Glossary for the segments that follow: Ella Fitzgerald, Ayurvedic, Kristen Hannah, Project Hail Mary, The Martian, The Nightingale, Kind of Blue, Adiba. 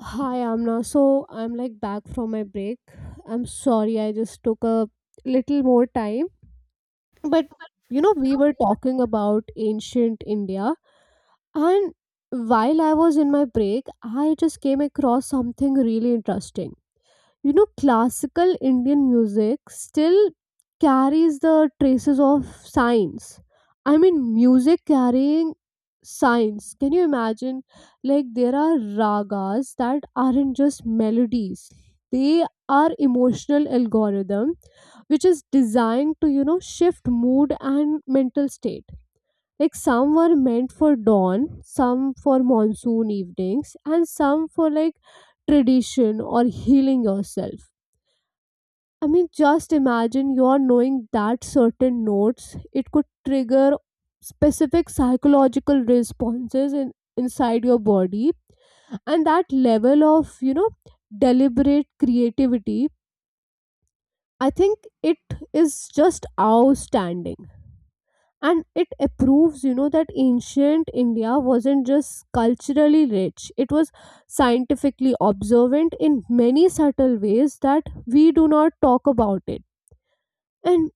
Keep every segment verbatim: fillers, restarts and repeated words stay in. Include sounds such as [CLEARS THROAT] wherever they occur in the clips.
Hi, Amna. So I'm like back from my break. I'm sorry, I just took a little more time. But you know, we were talking about ancient India, and while I was in my break, I just came across something really interesting. You know, classical Indian music still carries the traces of science. I mean, music carrying science, can you imagine? Like, there are ragas that aren't just melodies. They are emotional algorithm which is designed to, you know, shift mood and mental state. Like, some were meant for dawn, some for monsoon evenings, and some for like tradition or healing yourself. I mean, just imagine you're knowing that certain notes, it could trigger specific psychological responses in, inside your body. And that level of, you know, deliberate creativity, I think it is just outstanding. And it proves, you know, that ancient India wasn't just culturally rich, it was scientifically observant in many subtle ways that we do not talk about it. And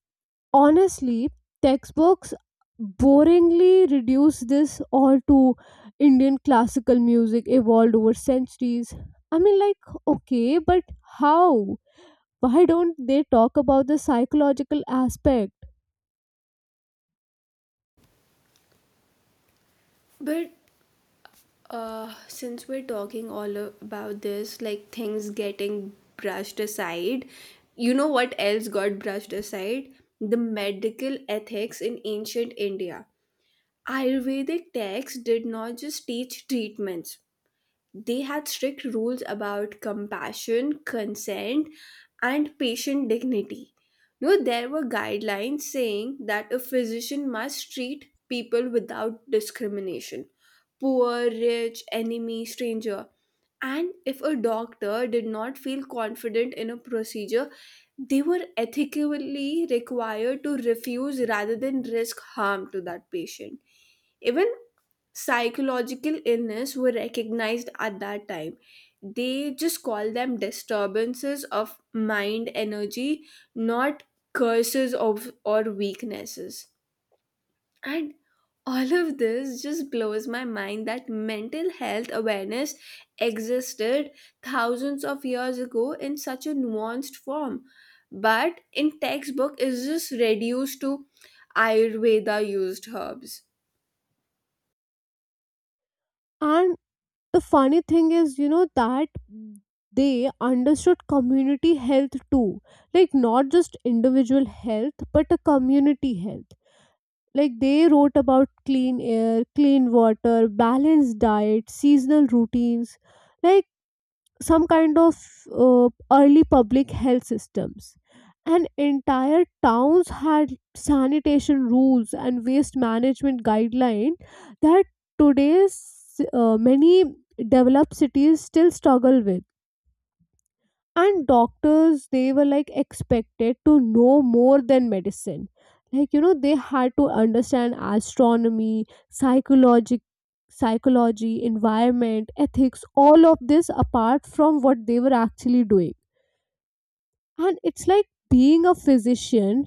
honestly, textbooks boringly reduce this all to Indian classical music evolved over centuries. I mean, like, okay, but how? Why don't they talk about the psychological aspect? But uh, since we're talking all a- about this, like things getting brushed aside, you know what else got brushed aside? The medical ethics in ancient India. Ayurvedic texts did not just teach treatments, they had strict rules about compassion, consent, and patient dignity. You know, there were guidelines saying that a physician must treat people without discrimination, poor, rich, enemy, stranger. And if a doctor did not feel confident in a procedure, they were ethically required to refuse rather than risk harm to that patient. Even psychological illness were recognized at that time, they just call them disturbances of mind energy, not curses of or weaknesses, and all of this just blows my mind that mental health awareness existed thousands of years ago in such a nuanced form, but in textbook is just reduced to ayurveda used herbs. And the funny thing is, you know, that they understood community health too. Like, not just individual health but a community health. Like, they wrote about clean air, clean water, balanced diet, seasonal routines, like some kind of uh, early public health systems. And entire towns had sanitation rules and waste management guideline that today's uh, many developed cities still struggle with. And doctors, they were like expected to know more than medicine. Like, you know, they had to understand astronomy, psychology, psychology environment, ethics, all of this apart from what they were actually doing. And it's like being a physician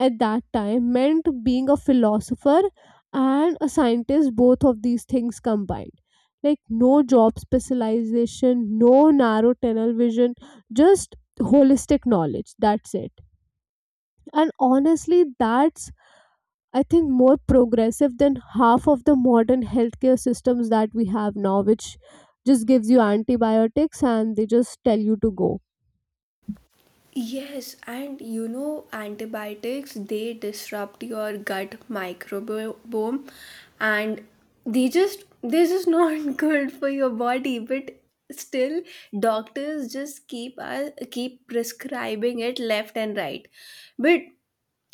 at that time meant being a philosopher and a scientist, both of these things combined. Like, no job specialization, no narrow tunnel vision, just holistic knowledge. That's it. And honestly, that's, I think, more progressive than half of the modern healthcare systems that we have now, which just gives you antibiotics and they just tell you to go. Yes, and you know, antibiotics they disrupt your gut microbiome, and they just they're just not [LAUGHS] good for your body, but still doctors just keep us keep prescribing it left and right. But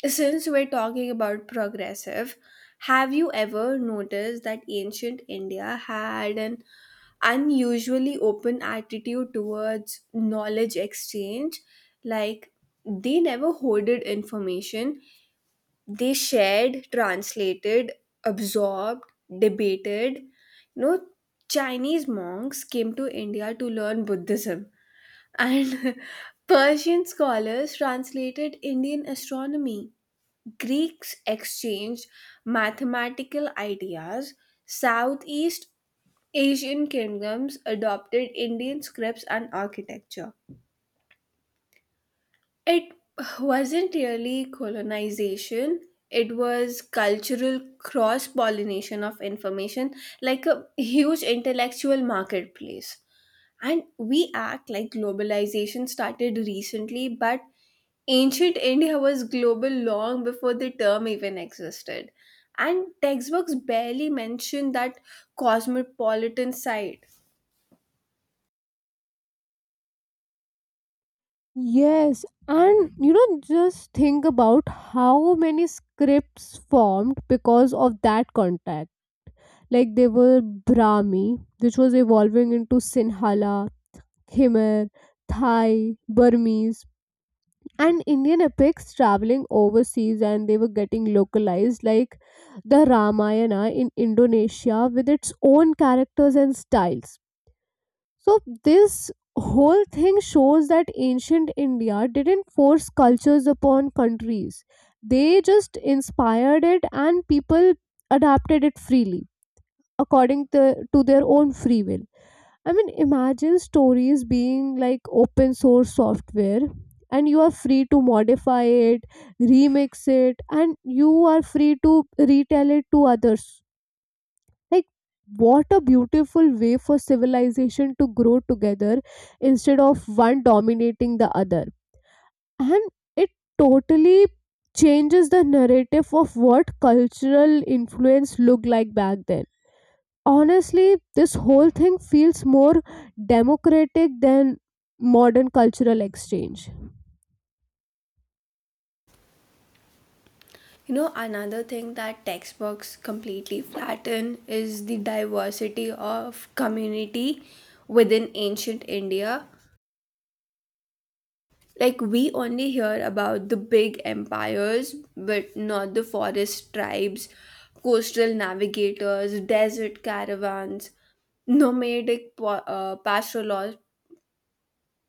since we're talking about progressive, have you ever noticed that ancient India had an unusually open attitude towards knowledge exchange? Like, they never hoarded information, they shared, translated, absorbed, debated. You know, Chinese monks came to India to learn Buddhism, and [LAUGHS] Persian scholars translated Indian astronomy, Greeks exchanged mathematical ideas, Southeast Asian kingdoms adopted Indian scripts and architecture. It wasn't really colonization, it was cultural cross pollination of information, like a huge intellectual marketplace. And we act like globalization started recently, but ancient India was global long before the term even existed, and textbooks barely mention that cosmopolitan side. Yes, and you know, just think about how many scripts formed because of that contact. Like, they were Brahmi, which was evolving into Sinhala, Khmer, Thai, Burmese, and Indian epics traveling overseas and they were getting localized, like the Ramayana in Indonesia with its own characters and styles. So, this whole thing shows that ancient India didn't force cultures upon countries, they just inspired it and people adapted it freely according to, to their own free will. I mean, imagine stories being like open source software and you are free to modify it, remix it, and you are free to retell it to others. Like, what a beautiful way for civilization to grow together instead of one dominating the other. And it totally changes the narrative of what cultural influence looked like back then. Honestly, this whole thing feels more democratic than modern cultural exchange. You know, another thing that textbooks completely flatten is the diversity of community within ancient India. Like, we only hear about the big empires, but not the forest tribes, coastal navigators, desert caravans, nomadic po- uh, pastoral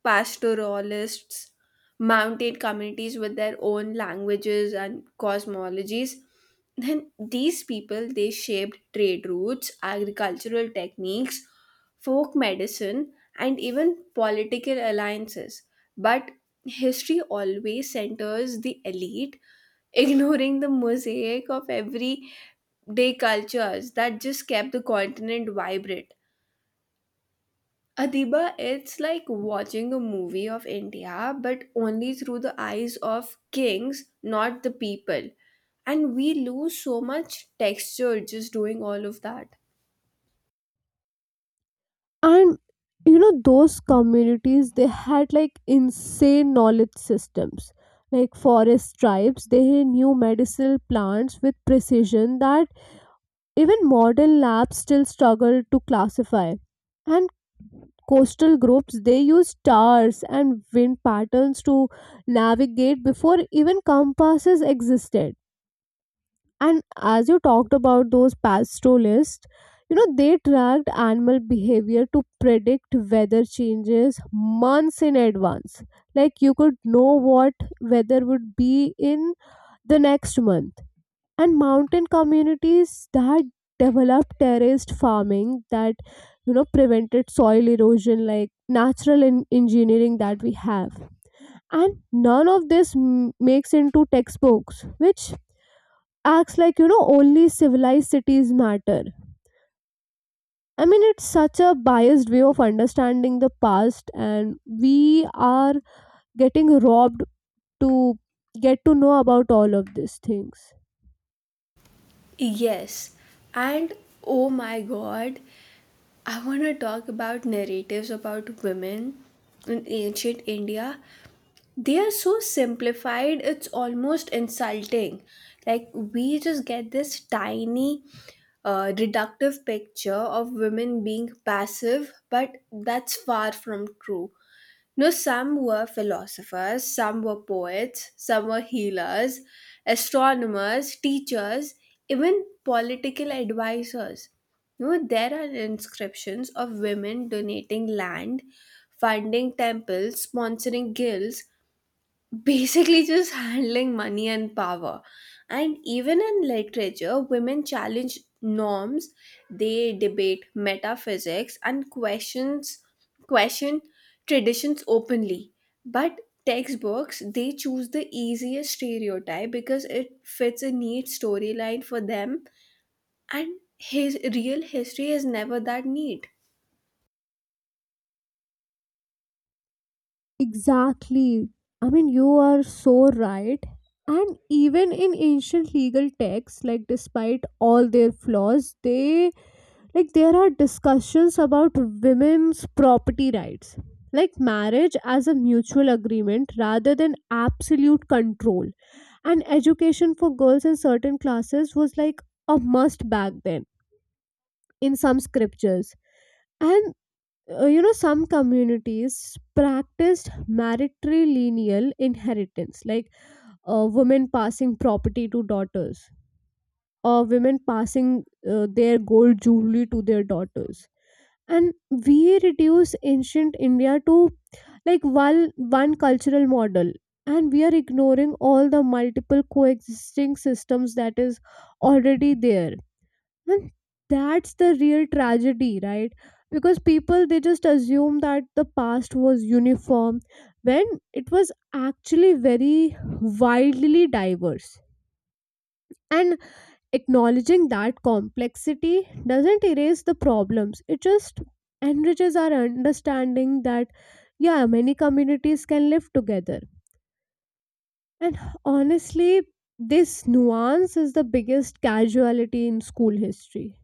pastoralists, mountain communities with their own languages and cosmologies. Then these people they shaped trade routes, agricultural techniques, folk medicine, and even political alliances, but history always centers the elite, [LAUGHS] ignoring the mosaic of everyday cultures that just kept the continent vibrant. Adiba, it's like watching a movie of India, but only through the eyes of kings, not the people. And we lose so much texture just doing all of that. And you know, those communities, they had like insane knowledge systems. Like, forest tribes, they knew medicinal plants with precision that even modern labs still struggle to classify. And coastal groups, they use stars and wind patterns to navigate before even compasses existed. And as you talked about those pastoralists, you know, they tracked animal behavior to predict weather changes months in advance. Like, you could know what weather would be in the next month. And mountain communities that developed terraced farming that, you know, prevented soil erosion, like natural en- engineering that we have. And none of this m- makes into textbooks, which acts like, you know, only civilized cities matter. I mean, it's such a biased way of understanding the past and we are getting robbed to get to know about all of these things. Yes. And oh my god, I want to talk about narratives about women in ancient India. They are so simplified, it's almost insulting. Like, we just get this tiny uh, reductive picture of women being passive, but that's far from true. No, some were philosophers, some were poets, some were healers, astronomers, teachers, even political advisors. No, there are inscriptions of women donating land, funding temples, sponsoring guilds, basically just handling money and power. And even in literature, women challenge norms, they debate metaphysics and questions question traditions openly. But textbooks they choose the easiest stereotype because it fits a neat storyline for them, and his real history is never that neat. Exactly. I mean, you are so right. And even in ancient legal texts, like despite all their flaws, they like there are discussions about women's property rights, like marriage as a mutual agreement rather than absolute control. And education for girls in certain classes was like a must back then in some scriptures. And uh, you know, some communities practiced matrilineal inheritance, like uh, women passing property to daughters, or women passing uh, their gold jewelry to their daughters. And we reduce ancient India to like one one cultural model and we are ignoring all the multiple coexisting systems that is already there. And that's the real tragedy, right? Because people, they just assume that the past was uniform when it was actually very widely diverse. And acknowledging that complexity doesn't erase the problems, it just enriches our understanding that, yeah, many communities can live together. And honestly, this nuance is the biggest casualty in school history.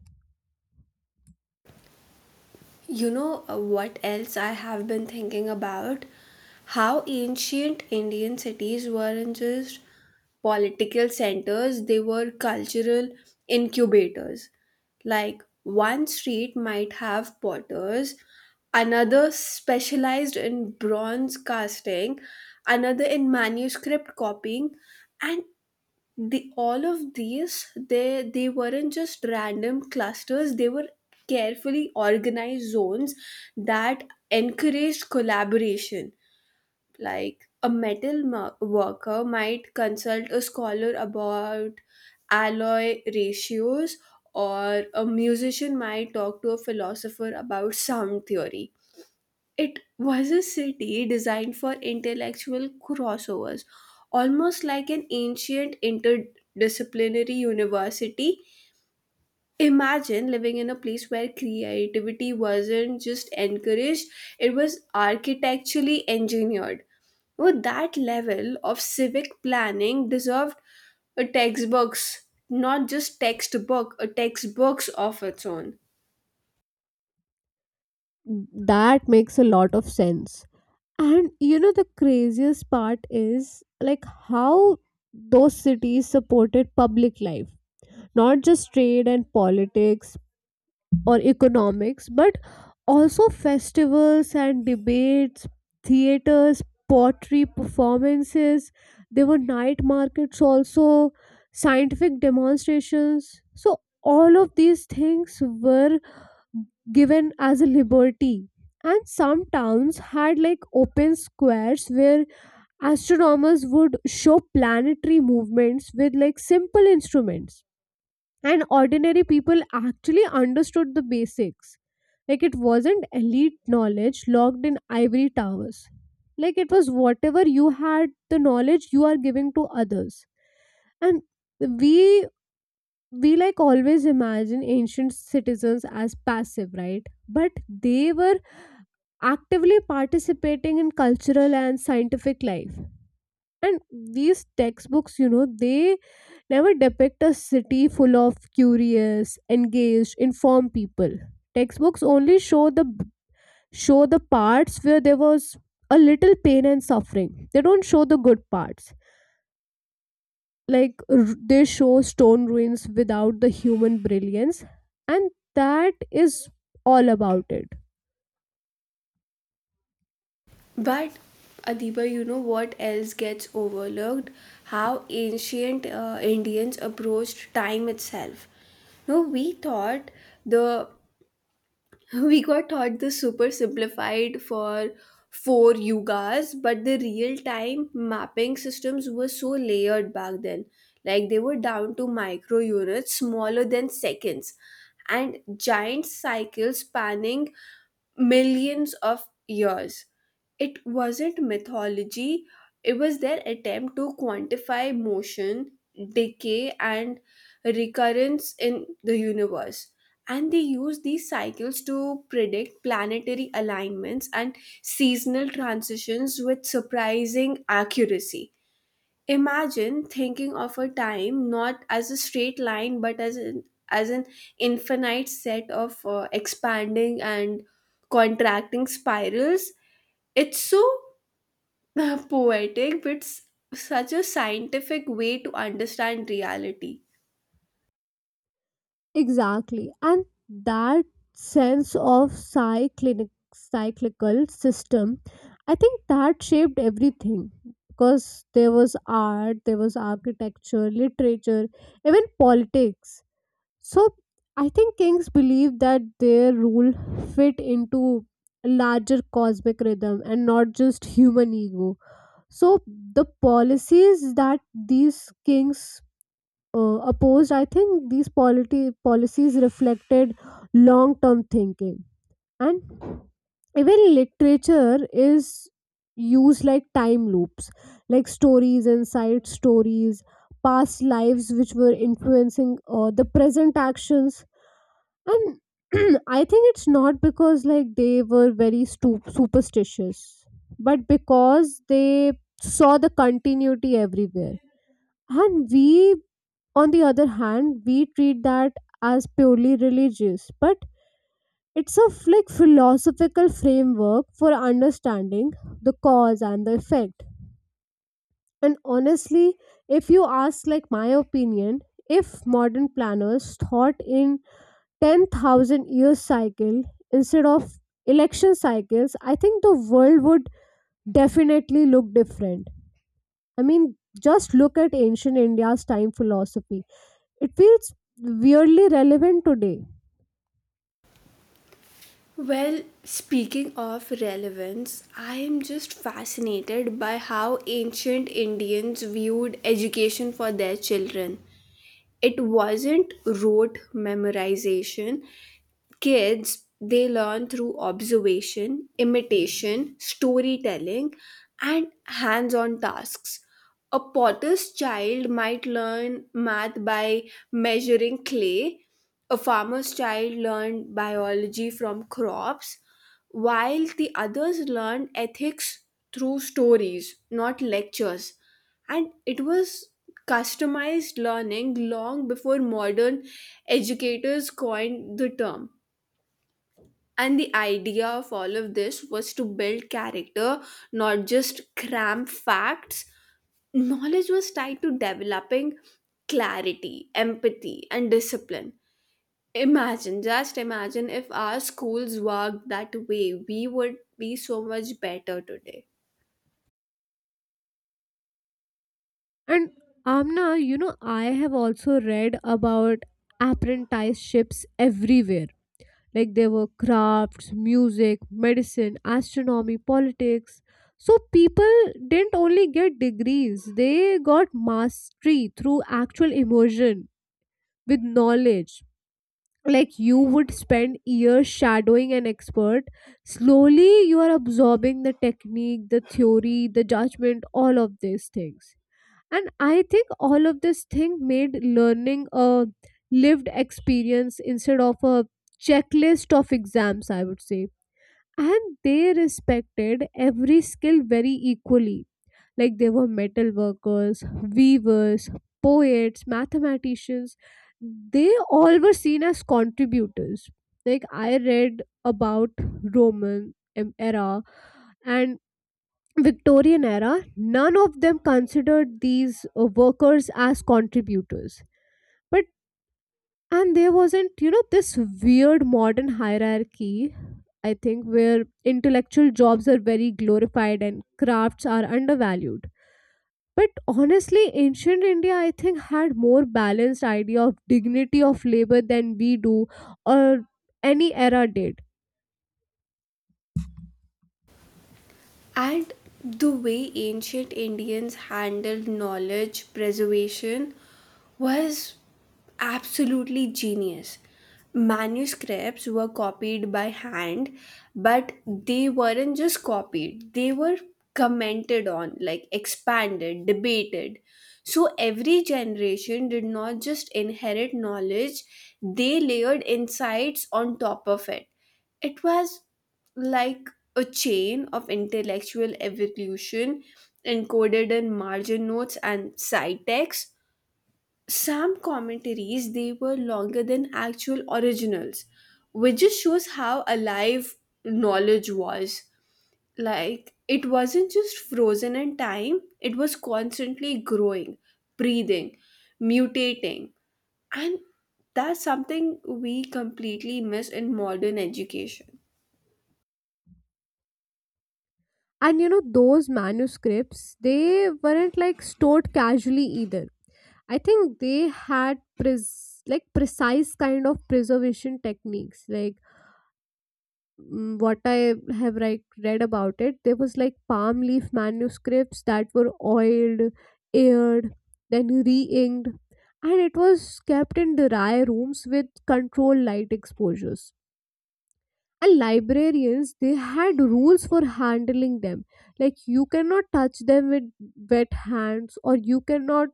You know, uh, what else I have been thinking about? How ancient Indian cities weren't just political centers, they were cultural incubators. Like one street might have potters, another specialized in bronze casting, another in manuscript copying, and the all of these they they weren't just random clusters, they were carefully organized zones that encouraged collaboration, like a metal mo- worker might consult a scholar about alloy ratios, or a musician might talk to a philosopher about sound theory. It was a city designed for intellectual crossovers, almost like an ancient interdisciplinary university. Imagine living in a place where creativity wasn't just encouraged, it was architecturally engineered. Well, that level of civic planning deserved a textbooks, not just textbook, a textbooks of its own. That makes a lot of sense. And you know, the craziest part is like how those cities supported public life, not just trade and politics or economics, but also festivals and debates, theaters, pottery performances. There were night markets also, scientific demonstrations. So all of these things were given as a liberty. And some towns had like open squares where astronomers would show planetary movements with like simple instruments, and ordinary people actually understood the basics. Like, it wasn't elite knowledge locked in ivory towers. Like, it was whatever you had the knowledge you are giving to others. And we we like always imagine ancient citizens as passive, right? But they were actively participating in cultural and scientific life. And these textbooks, you know, they never depict a city full of curious, engaged, informed people. Textbooks only show the show the parts where there was a little pain and suffering. They don't show the good parts, like r- they show stone ruins without the human brilliance. And that is all about it. But Adiba, you know what else gets overlooked? How ancient uh, Indians approached time itself. No, we thought the we got taught the super simplified for four yugas, but the real time mapping systems were so layered back then, like they were down to micro units smaller than seconds and giant cycles spanning millions of years. It wasn't mythology, it was their attempt to quantify motion, decay, and recurrence in the universe. And they use these cycles to predict planetary alignments and seasonal transitions with surprising accuracy. Imagine thinking of a time not as a straight line but as an, as an infinite set of uh, expanding and contracting spirals. It's so [LAUGHS] poetic, but it's such a scientific way to understand reality. Exactly. And that sense of cyclic cyclical system, I think, that shaped everything, because there was art, there was architecture, literature, even politics. So I think kings believe that their rule fit into a larger cosmic rhythm and not just human ego. So the policies that these kings uh, opposed, I think these polity policies reflected long-term thinking. And even literature is used like time loops, like stories and side stories, past lives which were influencing uh, the present actions. And [CLEARS THROAT] I think it's not because like they were very stu- superstitious, but because they saw the continuity everywhere. And we, on the other hand, we treat that as purely religious, but it's a like philosophical framework for understanding the cause and the effect. And honestly, if you ask like my opinion, if modern planners thought in ten thousand year cycle instead of election cycles, I think the world would definitely look different. I mean, just look at ancient India's time philosophy. It feels weirdly relevant today. Well, speaking of relevance, I am just fascinated by how ancient Indians viewed education for their children. It wasn't rote memorization. Kids, they learn through observation, imitation, storytelling, and hands on tasks. A potter's child might learn math by measuring clay, a farmer's child learned biology from crops, while the others learned ethics through stories, not lectures. And it was customized learning long before modern educators coined the term. And the idea of all of this was to build character, not just cram facts. Knowledge was tied to developing clarity, empathy, and discipline. Imagine, just imagine if our schools worked that way, we would be so much better today. And Amna, you know, I have also read about apprenticeships everywhere. Like, there were crafts, music, medicine, astronomy, politics. So people didn't only get degrees, they got mastery through actual immersion with knowledge. Like, you would spend years shadowing an expert, slowly you are absorbing the technique, the theory, the judgment, all of these things. And I think all of this thing made learning a lived experience instead of a checklist of exams, I would say. And they respected every skill very equally. Like, they were metal workers, weavers, poets, mathematicians. They all were seen as contributors. Like, I read about Roman em- era and Victorian era, none of them considered these uh, workers as contributors. But and there wasn't, you know, this weird modern hierarchy, I think, where intellectual jobs are very glorified and crafts are undervalued. But honestly, ancient India, I think, had more balanced idea of dignity of labor than we do or any era did. And the way ancient Indians handled knowledge preservation was absolutely genius. Manuscripts were copied by hand, but they weren't just copied, they were commented on, like expanded, debated. So every generation did not just inherit knowledge, they layered insights on top of it. It was like a chain of intellectual evolution encoded in margin notes and side text. Some commentaries they were longer than actual originals, which just shows how alive knowledge was. Like it wasn't just frozen in time; it was constantly growing, breathing, mutating, and that's something we completely miss in modern education. And you know, those manuscripts, they weren't like stored casually either. I think they had pres- like precise kind of preservation techniques. Like, mm, what I have like read about it, there was like palm leaf manuscripts that were oiled, aired, then re-inked, and it was kept in dry rooms with controlled light exposures. And librarians, they had rules for handling them. Like, you cannot touch them with wet hands, or you cannot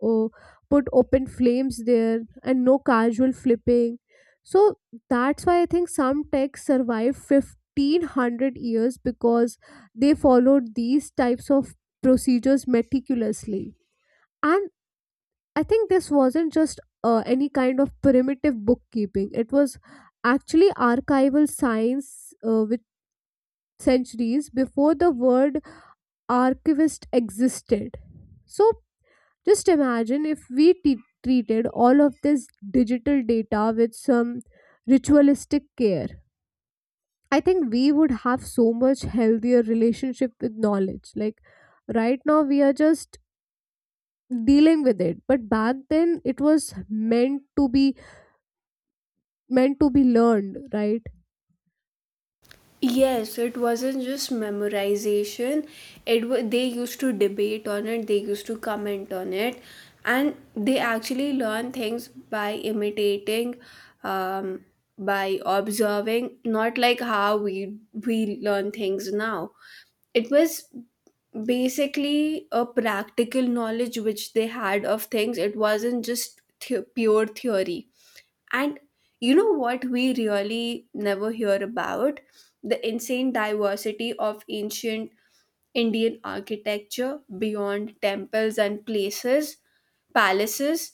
or put open flames there, and no casual flipping. So that's why I think some texts survive fifteen hundred years because they followed these types of procedures meticulously. And I think this wasn't just uh, any kind of primitive bookkeeping, it was actually archival science uh, with centuries before the word archivist existed. So, just imagine if we t- treated all of this digital data with some ritualistic care. I think we would have so much healthier relationship with knowledge. Like, right now we are just dealing with it, but back then it was meant to be meant to be learned, right? Yes, it wasn't just memorization. It wa They used to debate on it, they used to comment on it, and they actually learn things by imitating, um, by observing, not like how we we learn things now. It was basically a practical knowledge which they had of things. It wasn't just th- pure theory. And you know what we really never hear about? The insane diversity of ancient Indian architecture beyond temples and places, palaces,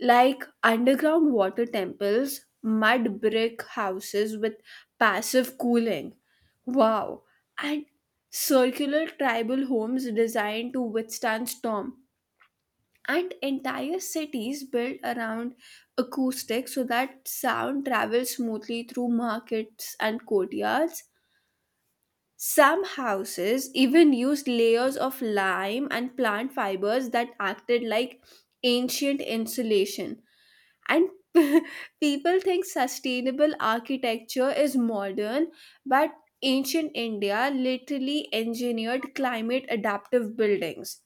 like underground water temples, mud brick houses with passive cooling. Wow. And circular tribal homes designed to withstand storm, and entire cities built around acoustics so that sound travels smoothly through markets and courtyards. Some houses even used layers of lime and plant fibers that acted like ancient insulation. And [LAUGHS] people think sustainable architecture is modern, but ancient India literally engineered climate adaptive buildings.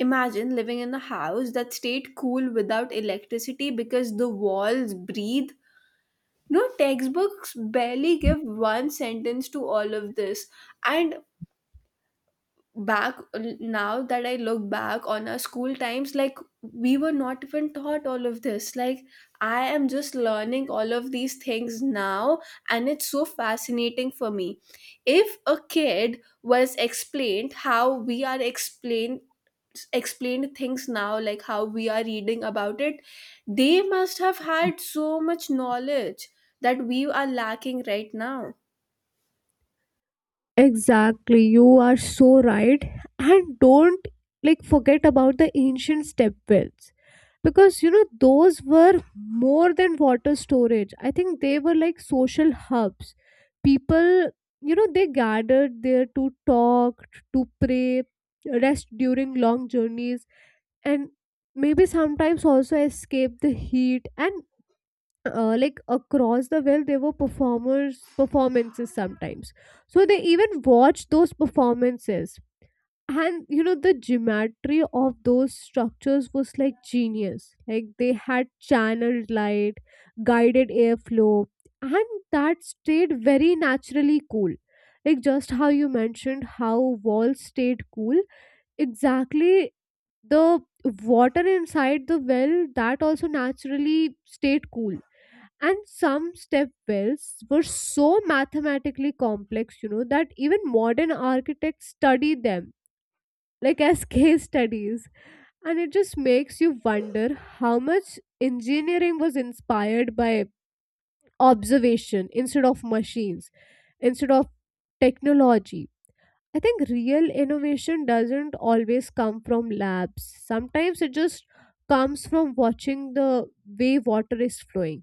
Imagine living in a house that stayed cool without electricity because the walls breathe. No textbooks barely give one sentence to all of this. And back now that I look back on our school times, like we were not even taught all of this, like I am just learning all of these things now, and it's so fascinating for me. If a kid was explained how we are explained explained things now, like how we are reading about it, they must have had so much knowledge that we are lacking right now. Exactly, you are so right. And don't like forget about the ancient step wells, because you know, those were more than water storage. I think they were like social hubs. People, you know, they gathered there to talk, to pray, rest during long journeys, and maybe sometimes also escape the heat and uh, like across the world there were performers performances sometimes. So they even watched those performances. And you know, the geometry of those structures was like genius. Like, they had channeled light, guided airflow, and that stayed very naturally cool, like just how you mentioned how walls stayed cool. Exactly. The water inside the well that also naturally stayed cool. And some step wells were so mathematically complex, you know, that even modern architects study them like as [LAUGHS] case studies. And it just makes you wonder how much engineering was inspired by observation instead of machines, instead of technology. I think real innovation doesn't always come from labs, sometimes it just comes from watching the way water is flowing.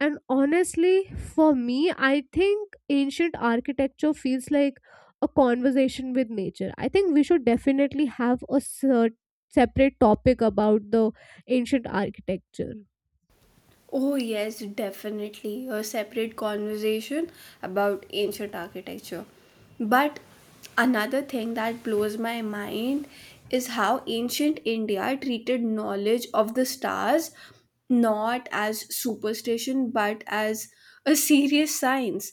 And honestly, for me, I think ancient architecture feels like a conversation with nature. I think we should definitely have a cer- separate topic about the ancient architecture. Oh, yes, definitely. A separate conversation about ancient architecture. But another thing that blows my mind is how ancient India treated knowledge of the stars, not as superstition but as a serious science.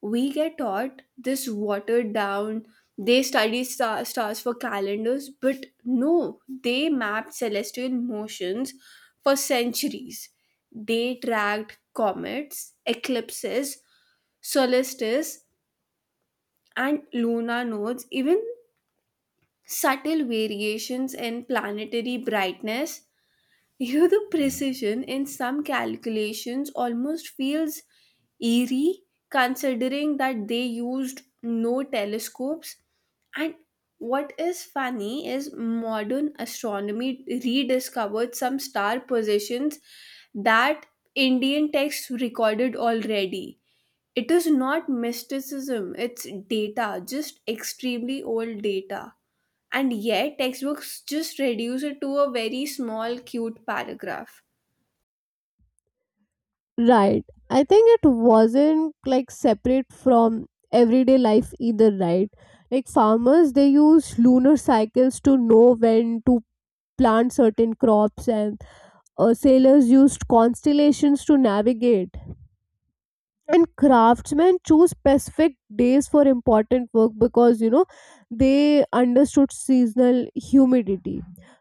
We get taught this watered down, they study star, stars for calendars, but no, they mapped celestial motions for centuries, they tracked comets, eclipses, solstices, and lunar nodes, even subtle variations in planetary brightness. You know the precision in some calculations almost feels eerie considering that they used no telescopes. And what is funny is modern astronomy rediscovered some star positions that Indian texts recorded already. It is not mysticism, it's data, just extremely old data. And yet, textbooks just reduce it to a very small, cute paragraph. Right. I think it wasn't like separate from everyday life either, right? Like, farmers, they use lunar cycles to know when to plant certain crops, and uh, sailors used constellations to navigate. And craftsmen choose specific days for important work because you know, they understood seasonal humidity.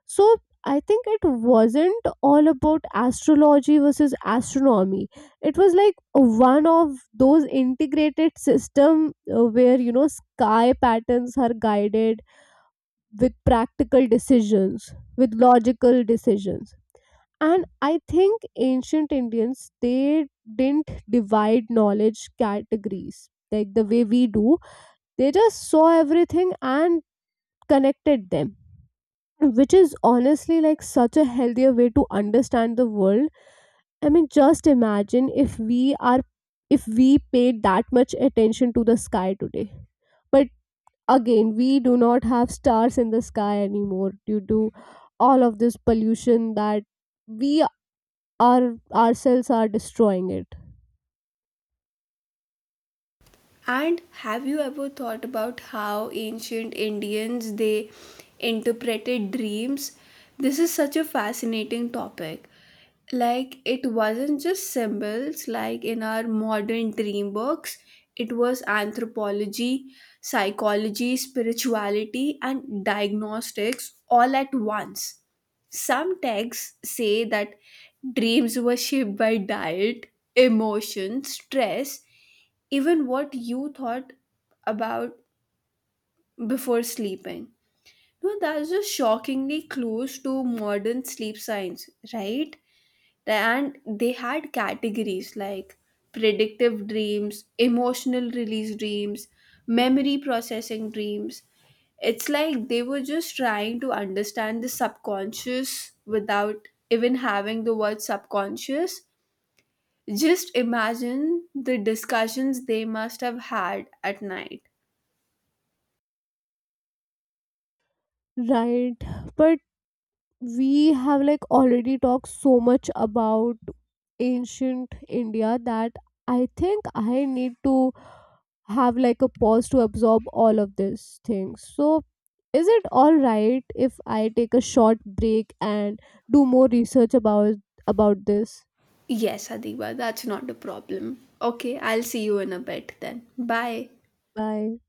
So I think it wasn't all about astrology versus astronomy. It was like one of those integrated system uh, where, you know, sky patterns are guided with practical decisions, with logical decisions. And I think ancient Indians, they didn't divide knowledge categories like the way we do. They just saw everything and connected them, which is honestly like such a healthier way to understand the world. I mean, just imagine if we are if we paid that much attention to the sky today. But again, we do not have stars in the sky anymore due to all of this pollution that we our ourselves are destroying it. And have you ever thought about how ancient Indians they interpreted dreams? This is such a fascinating topic. Like it wasn't just symbols like in our modern dream books. It was anthropology, psychology, spirituality, and diagnostics all at once. Some texts say that dreams were shaped by diet, emotion, stress, even what you thought about before sleeping. No, that's just shockingly close to modern sleep science, right? And they had categories like predictive dreams, emotional release dreams, memory processing dreams. It's like they were just trying to understand the subconscious without even having the word subconscious. Just imagine the discussions they must have had at night. Right. But we have like already talked so much about ancient India that I think I need to have like a pause to absorb all of these things. So is it all right if I take a short break and do more research about about this? Yes, Adiba, that's not a problem. Okay, I'll see you in a bit then. Bye. Bye.